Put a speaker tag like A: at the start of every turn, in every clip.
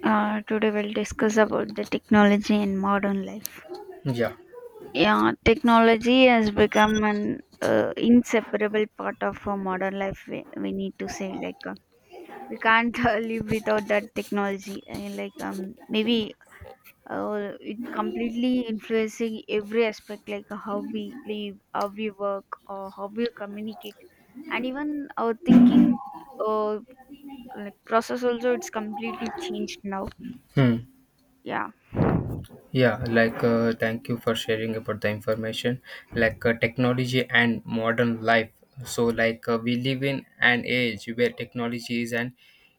A: Today we'll discuss about the technology in modern life. Yeah, technology has become an inseparable part of our modern life. We need to say like we can't live without that technology. Like maybe it completely influencing every aspect, like how we live, how we work, or how we communicate, and even our thinking uh, like process also it's completely changed now.
B: Hmm.
A: Yeah.
B: Yeah, thank you for sharing about the information. Technology and modern life. So we live in an age where technology is an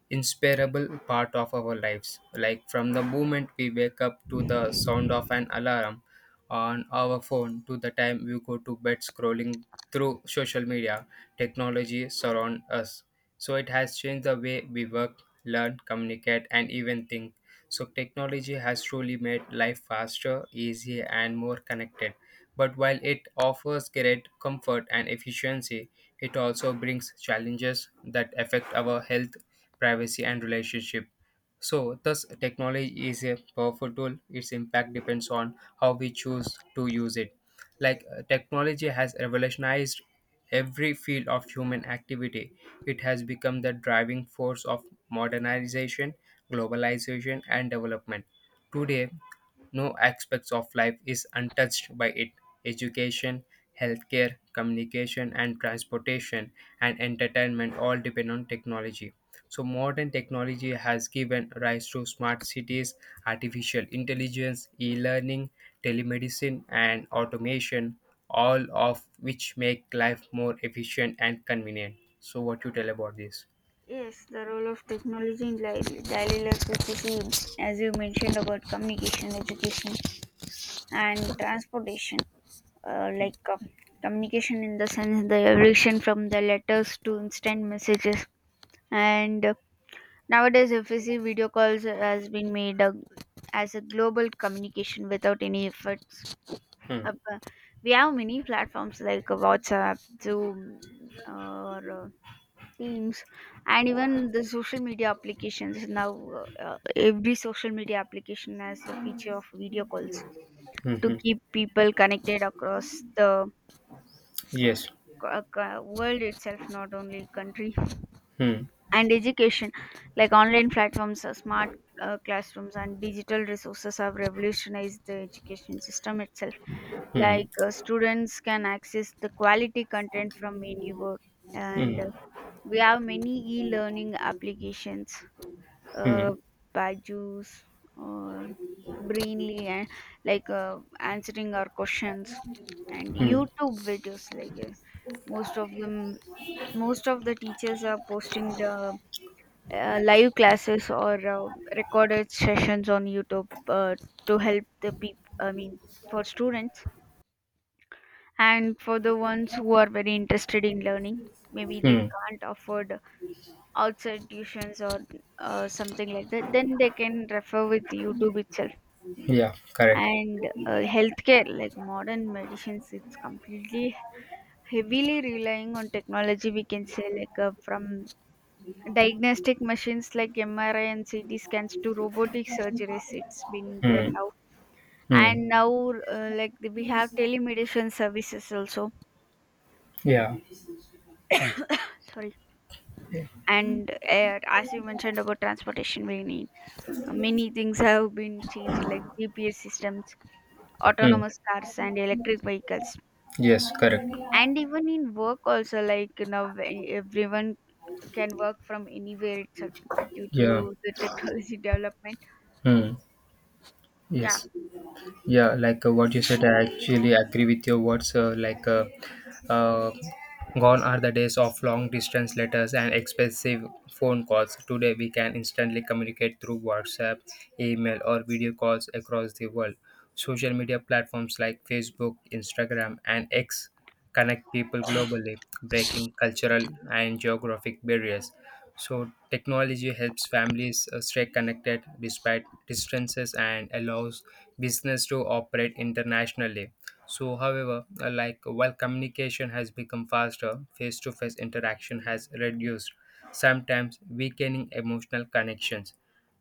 B: inseparable part of our lives. Like from the moment we wake up to the sound of an alarm on our phone to the time we go to bed scrolling through social media, technology surround us. So it has changed the way we work, learn, communicate and even think. So technology has truly made life faster, easier, and more connected. But while it offers great comfort and efficiency, it also brings challenges that affect our health, privacy, and relationship. So, thus, technology is a powerful tool. Its impact depends on how we choose to use it. Technology has revolutionized every field of human activity. It has become the driving force of modernization, globalization, and development. Today, no aspects of life is untouched by it. Education, healthcare, communication, and transportation and entertainment all depend on technology. So, modern technology has given rise to smart cities, artificial intelligence, e learning, telemedicine, and automation, all of which make life more efficient and convenient. So, what you tell about this?
A: Yes, the role of technology in daily life is the same as you mentioned about communication, education, and transportation. Like communication in the sense the evolution from the letters to instant messages, and nowadays if we see video calls has been made a, as a global communication without any efforts.
B: Hmm.
A: Uh, we have many platforms like WhatsApp, Zoom, or teams, and even the social media applications now, every social media application has the feature of video calls
B: Hmm,
A: to
B: hmm.
A: keep people connected across the
B: Yes.
A: world itself, not only country.
B: Hmm.
A: And education, like online platforms, smart classrooms and digital resources have revolutionized the education system itself.
B: Hmm.
A: Like students can access the quality content from anywhere, and
B: Hmm.
A: we have many e-learning applications, uh,
B: Hmm.
A: bad juice or Brainly, and like answering our questions, and
B: Hmm.
A: YouTube videos. Like most of them, most of the teachers are posting the live classes or recorded sessions on YouTube to help the people, I mean for students, and for the ones who are very interested in learning, maybe they
B: Hmm.
A: can't afford outside tuitions or something like that, then they can refer with YouTube itself.
B: Yeah. Correct.
A: And healthcare, like modern medicines, it's completely heavily relying on technology, we can say. Like from diagnostic machines like MRI and CT scans to robotic surgeries, it's been there
B: Hmm.
A: now.
B: Hmm.
A: And now like we have telemedicine services also.
B: Yeah.
A: Sorry. And as you mentioned about transportation, we need many things have been changed, like GPS systems,
B: Hmm.
A: autonomous cars, and electric vehicles.
B: Yes. Correct.
A: And even in work also, like you know when everyone can work from anywhere itself due
B: Yeah.
A: to the technology development.
B: Hmm.
A: Yeah.
B: Yes. Yeah, what you said, I actually agree with your words. Uh, gone are the days of long distance letters and expensive phone calls. Today, we can instantly communicate through WhatsApp, email, or video calls across the world. Social media platforms like Facebook, Instagram, and X connect people globally, breaking cultural and geographic barriers. So, technology helps families stay connected despite distances and allows business to operate internationally. So, however, like while communication has become faster, face to face interaction has reduced, sometimes weakening emotional connections.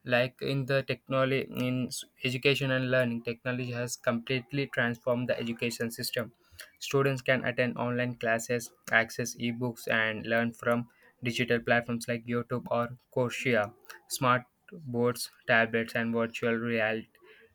B: Like in the technology, in education and learning, technology has completely transformed the education system. Students can attend online classes, access ebooks, and learn from digital platforms like YouTube or Coursera. Smart boards, tablets, and virtual reality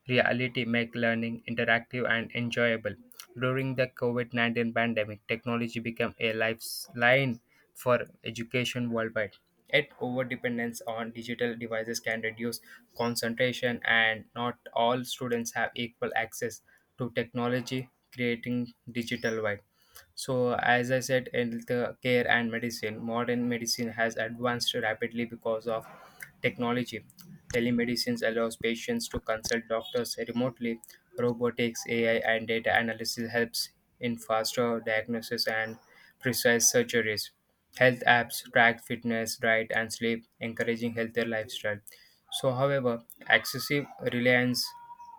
B: reality make learning interactive and enjoyable. During the COVID 19 pandemic, technology became a lifeline for education worldwide. Yet, overdependence on digital devices can reduce concentration, and not all students have equal access to technology, creating digital divide. So, as I said, in the care and medicine, modern medicine has advanced rapidly because of technology. Telemedicine allows patients to consult doctors remotely. Robotics, AI, and data analysis helps in faster diagnosis and precise surgeries. Health apps track fitness, diet, and sleep, encouraging healthier lifestyle. So, however, excessive reliance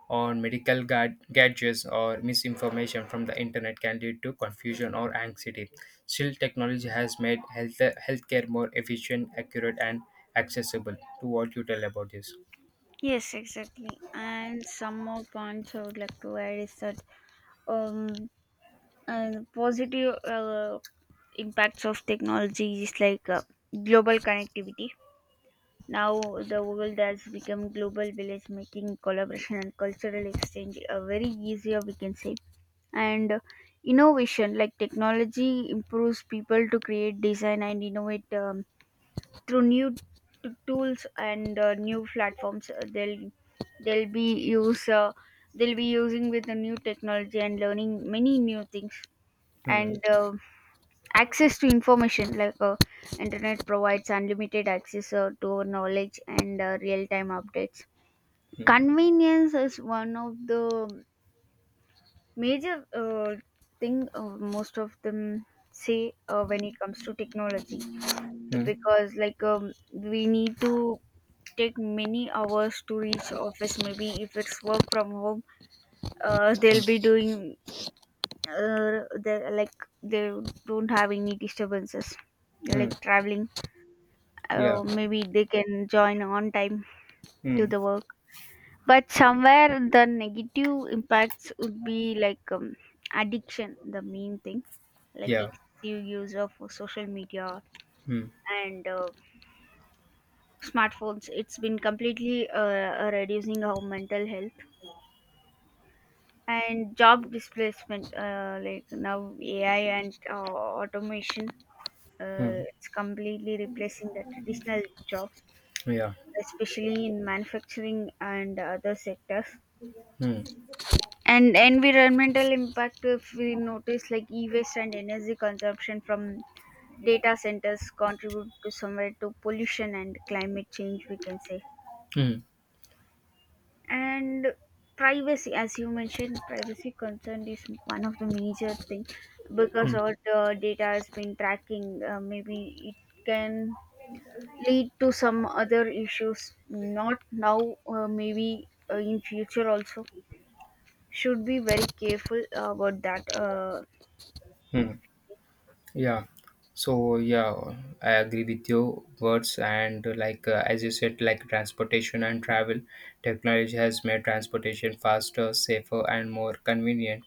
B: on medical gadgets or misinformation from the internet can lead to confusion or anxiety. Still, technology has made healthcare more efficient, accurate, and accessible. To what you tell about this?
A: Yes, exactly. And some more points I would like to add is that, um, and positive impacts of technology is like global connectivity. Now, the world has become global village, making collaboration and cultural exchange a very easier, we can say. And innovation, like technology, improves people to create, design, and innovate, through new tools and new platforms. They'll be use they'll be using with the new technology and learning many new things.
B: Hmm.
A: And access to information, like internet provides unlimited access to our knowledge and real-time updates. Convenience is one of the major thing most of them say when it comes to technology,
B: Hmm.
A: because like we need to take many hours to reach office. Maybe if it's work from home, they'll be doing, they like they don't have any disturbances
B: Hmm.
A: like traveling.
B: Yeah.
A: Oh, maybe they can join on time to
B: Hmm.
A: the work. But somewhere the negative impacts would be like, addiction, the main thing, like
B: Yeah.
A: excessive use of social media
B: Hmm.
A: and smartphones. It's been completely reducing our mental health. And job displacement. Like now AI and automation,
B: Hmm.
A: it's completely replacing the traditional jobs,
B: Yeah.
A: especially in manufacturing and other sectors.
B: Hmm.
A: And environmental impact, if we notice, like e-waste and energy consumption from data centers contribute to somewhere to pollution and climate change, we can say.
B: Hmm.
A: And privacy, as you mentioned, privacy concern is one of the major thing, because
B: Hmm.
A: all the data has been tracking. Maybe it can lead to some other issues. Not now, maybe in future also. Should be very careful about that. If.
B: Hmm. Yeah. So yeah, I agree with your words and as you said, like transportation and travel, technology has made transportation faster, safer, and more convenient.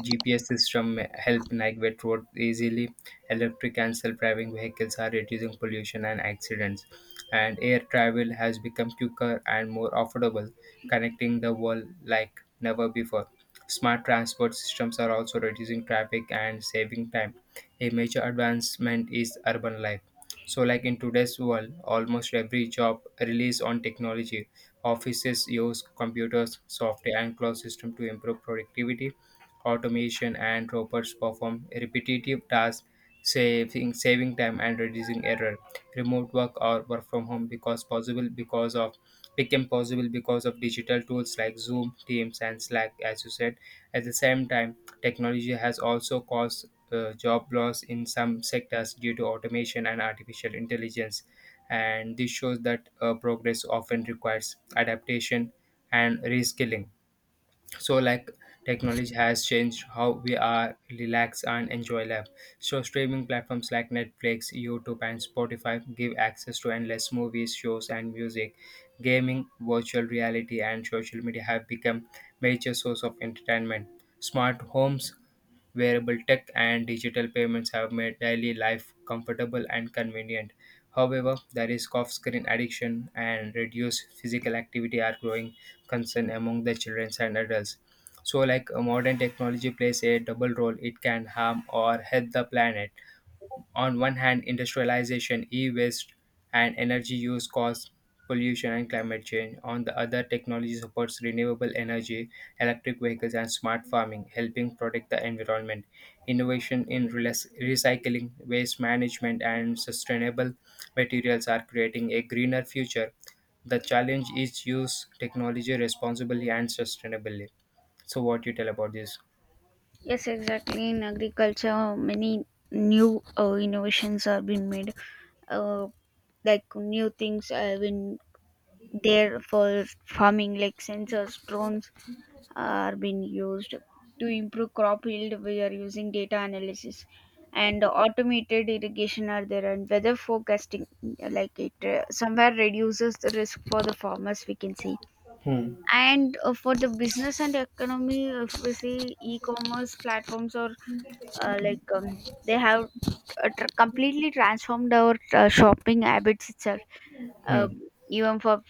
B: GPS system help navigate road easily. Electric and self-driving vehicles are reducing pollution and accidents. And air travel has become quicker and more affordable, connecting the world like never before. Smart transport systems are also reducing traffic and saving time, a major advancement is urban life. So, like in today's world, almost every job relies on technology. Offices use computers, software, and cloud system to improve productivity. Automation and robots perform repetitive tasks, saving time and reducing error. Remote work or work from home because possible because of Became possible because of digital tools like Zoom, Teams, and Slack, as you said. At the same time, technology has also caused job loss in some sectors due to automation and artificial intelligence. And this shows that progress often requires adaptation and reskilling. So like technology has changed how we are relax and enjoy life. So streaming platforms like Netflix, YouTube and Spotify give access to endless movies, shows and music. Gaming, virtual reality and social media have become major source of entertainment. Smart homes, wearable tech and digital payments have made daily life comfortable and convenient. However, the risk of screen addiction and reduced physical activity are growing concern among the children and adults. So, modern technology plays a double role, it can harm or help the planet. On one hand, industrialization, e-waste, and energy use cause pollution and climate change. On the other, technology supports renewable energy, electric vehicles, and smart farming, helping protect the environment. Innovation in recycling, waste management, and sustainable materials are creating a greener future. The challenge is use technology responsibly and sustainably. So, what you tell about this?
A: Yes, exactly. In agriculture, many new innovations are being made. Uh, like new things have been there for farming, like sensors, drones are being used to improve crop yield. We are using data analysis and automated irrigation are there, and weather forecasting, like it somewhere reduces the risk for the farmers, we can see. And for the business and economy, if we see e-commerce platforms, or like they have completely transformed our shopping habits itself.
B: Hmm.
A: uh, Even for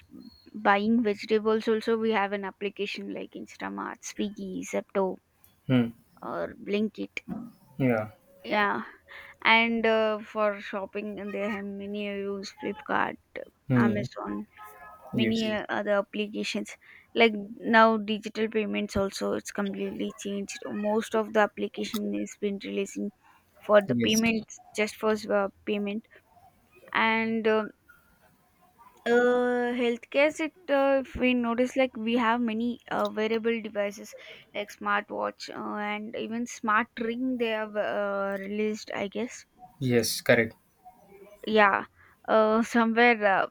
A: buying vegetables also, we have an application like Instamart, Swiggy, Zepto,
B: Hmm.
A: or Blinkit.
B: Yeah.
A: Yeah. And for shopping, and they have many. I use Flipkart,
B: Hmm.
A: Amazon, many
B: Yes.
A: other applications. Like now digital payments also, it's completely changed. Most of the application is been releasing for the
B: Yes.
A: payments, just for payment. And um, healthcare sector, if we notice, like we have many wearable devices like smartwatch, and even smart ring, they have released, I guess.
B: Yes, correct.
A: Yeah. Somewhere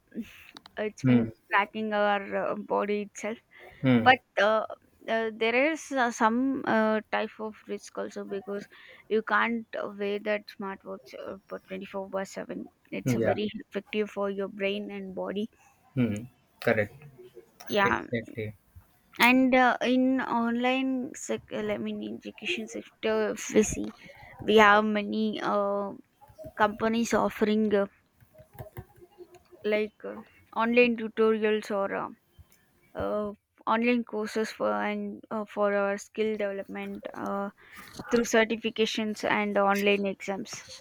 A: it's
B: Hmm.
A: been tracking our body itself.
B: Hmm.
A: But there is some type of risk also, because you can't wear that smartwatch for 24 by 7. It's
B: Yeah.
A: very effective for your brain and body.
B: Hmm. Correct.
A: Yeah.
B: Exactly.
A: And in online, I mean, in education sector, if we see, we have many companies offering like online tutorials or uh, online courses for, and for our skill development. Through certifications and online exams.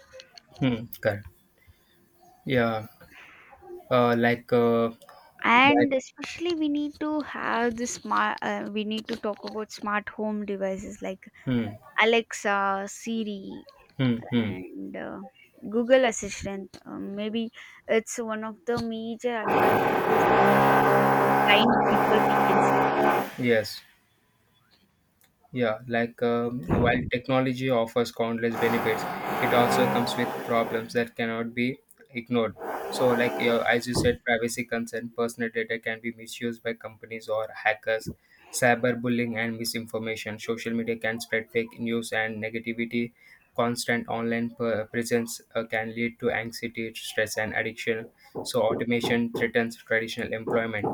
B: Hmm. Correct. Yeah, uh, like, uh, like,
A: And especially we need to have the smart, we need to talk about smart home devices like
B: Hmm.
A: Alexa, Siri,
B: Hmm. Hmm.
A: and Google Assistant. Maybe it's one of the major advantages for the blind people, we can say.
B: Yes. Yeah, while technology offers countless benefits, it also comes with problems that cannot be ignored. So, as you said, privacy concern, personal data can be misused by companies or hackers. Cyberbullying and misinformation, social media can spread fake news and negativity. Constant online presence can lead to anxiety, stress, and addiction. So, automation threatens traditional employment.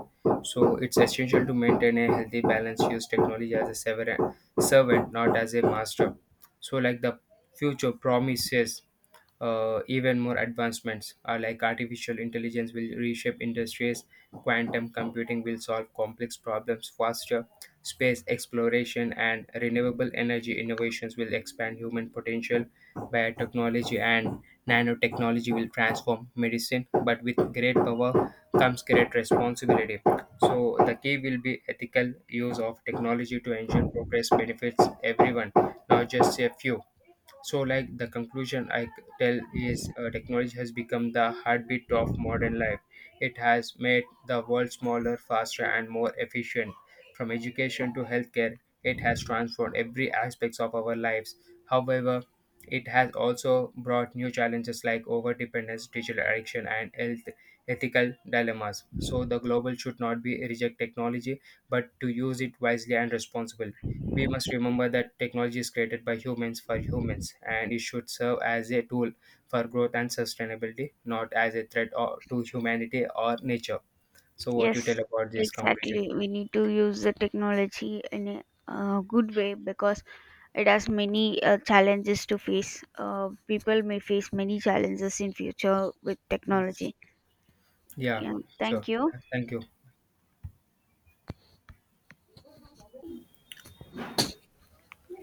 B: So it's essential to maintain a healthy balance, use technology as a servant, not as a master. So, like the future promises even more advancements like artificial intelligence will reshape industries, quantum computing will solve complex problems faster, space exploration and renewable energy innovations will expand human potential, biotechnology and nanotechnology will transform medicine. But with great power comes great responsibility, so the key will be ethical use of technology to ensure progress benefits everyone, not just a few. So, like the conclusion I tell is technology has become the heartbeat of modern life. It has made the world smaller, faster, and more efficient. From education to healthcare, it has transformed every aspect of our lives. However, it has also brought new challenges like overdependence, digital addiction, and health ethical dilemmas. So, the global should not be reject technology, but to use it wisely and responsibly. We must remember that technology is created by humans for humans and it should serve as a tool for growth and sustainability, not as a threat or, to humanity or nature. So what you tell
A: Yes,
B: about this conclusion?
A: exactly. We need to use the technology in a good way, because it has many challenges to face. People may face many challenges in future with
B: Yes.
A: technology.
B: Yeah.
A: Yeah, thank
B: Sure.
A: you.
B: Thank you.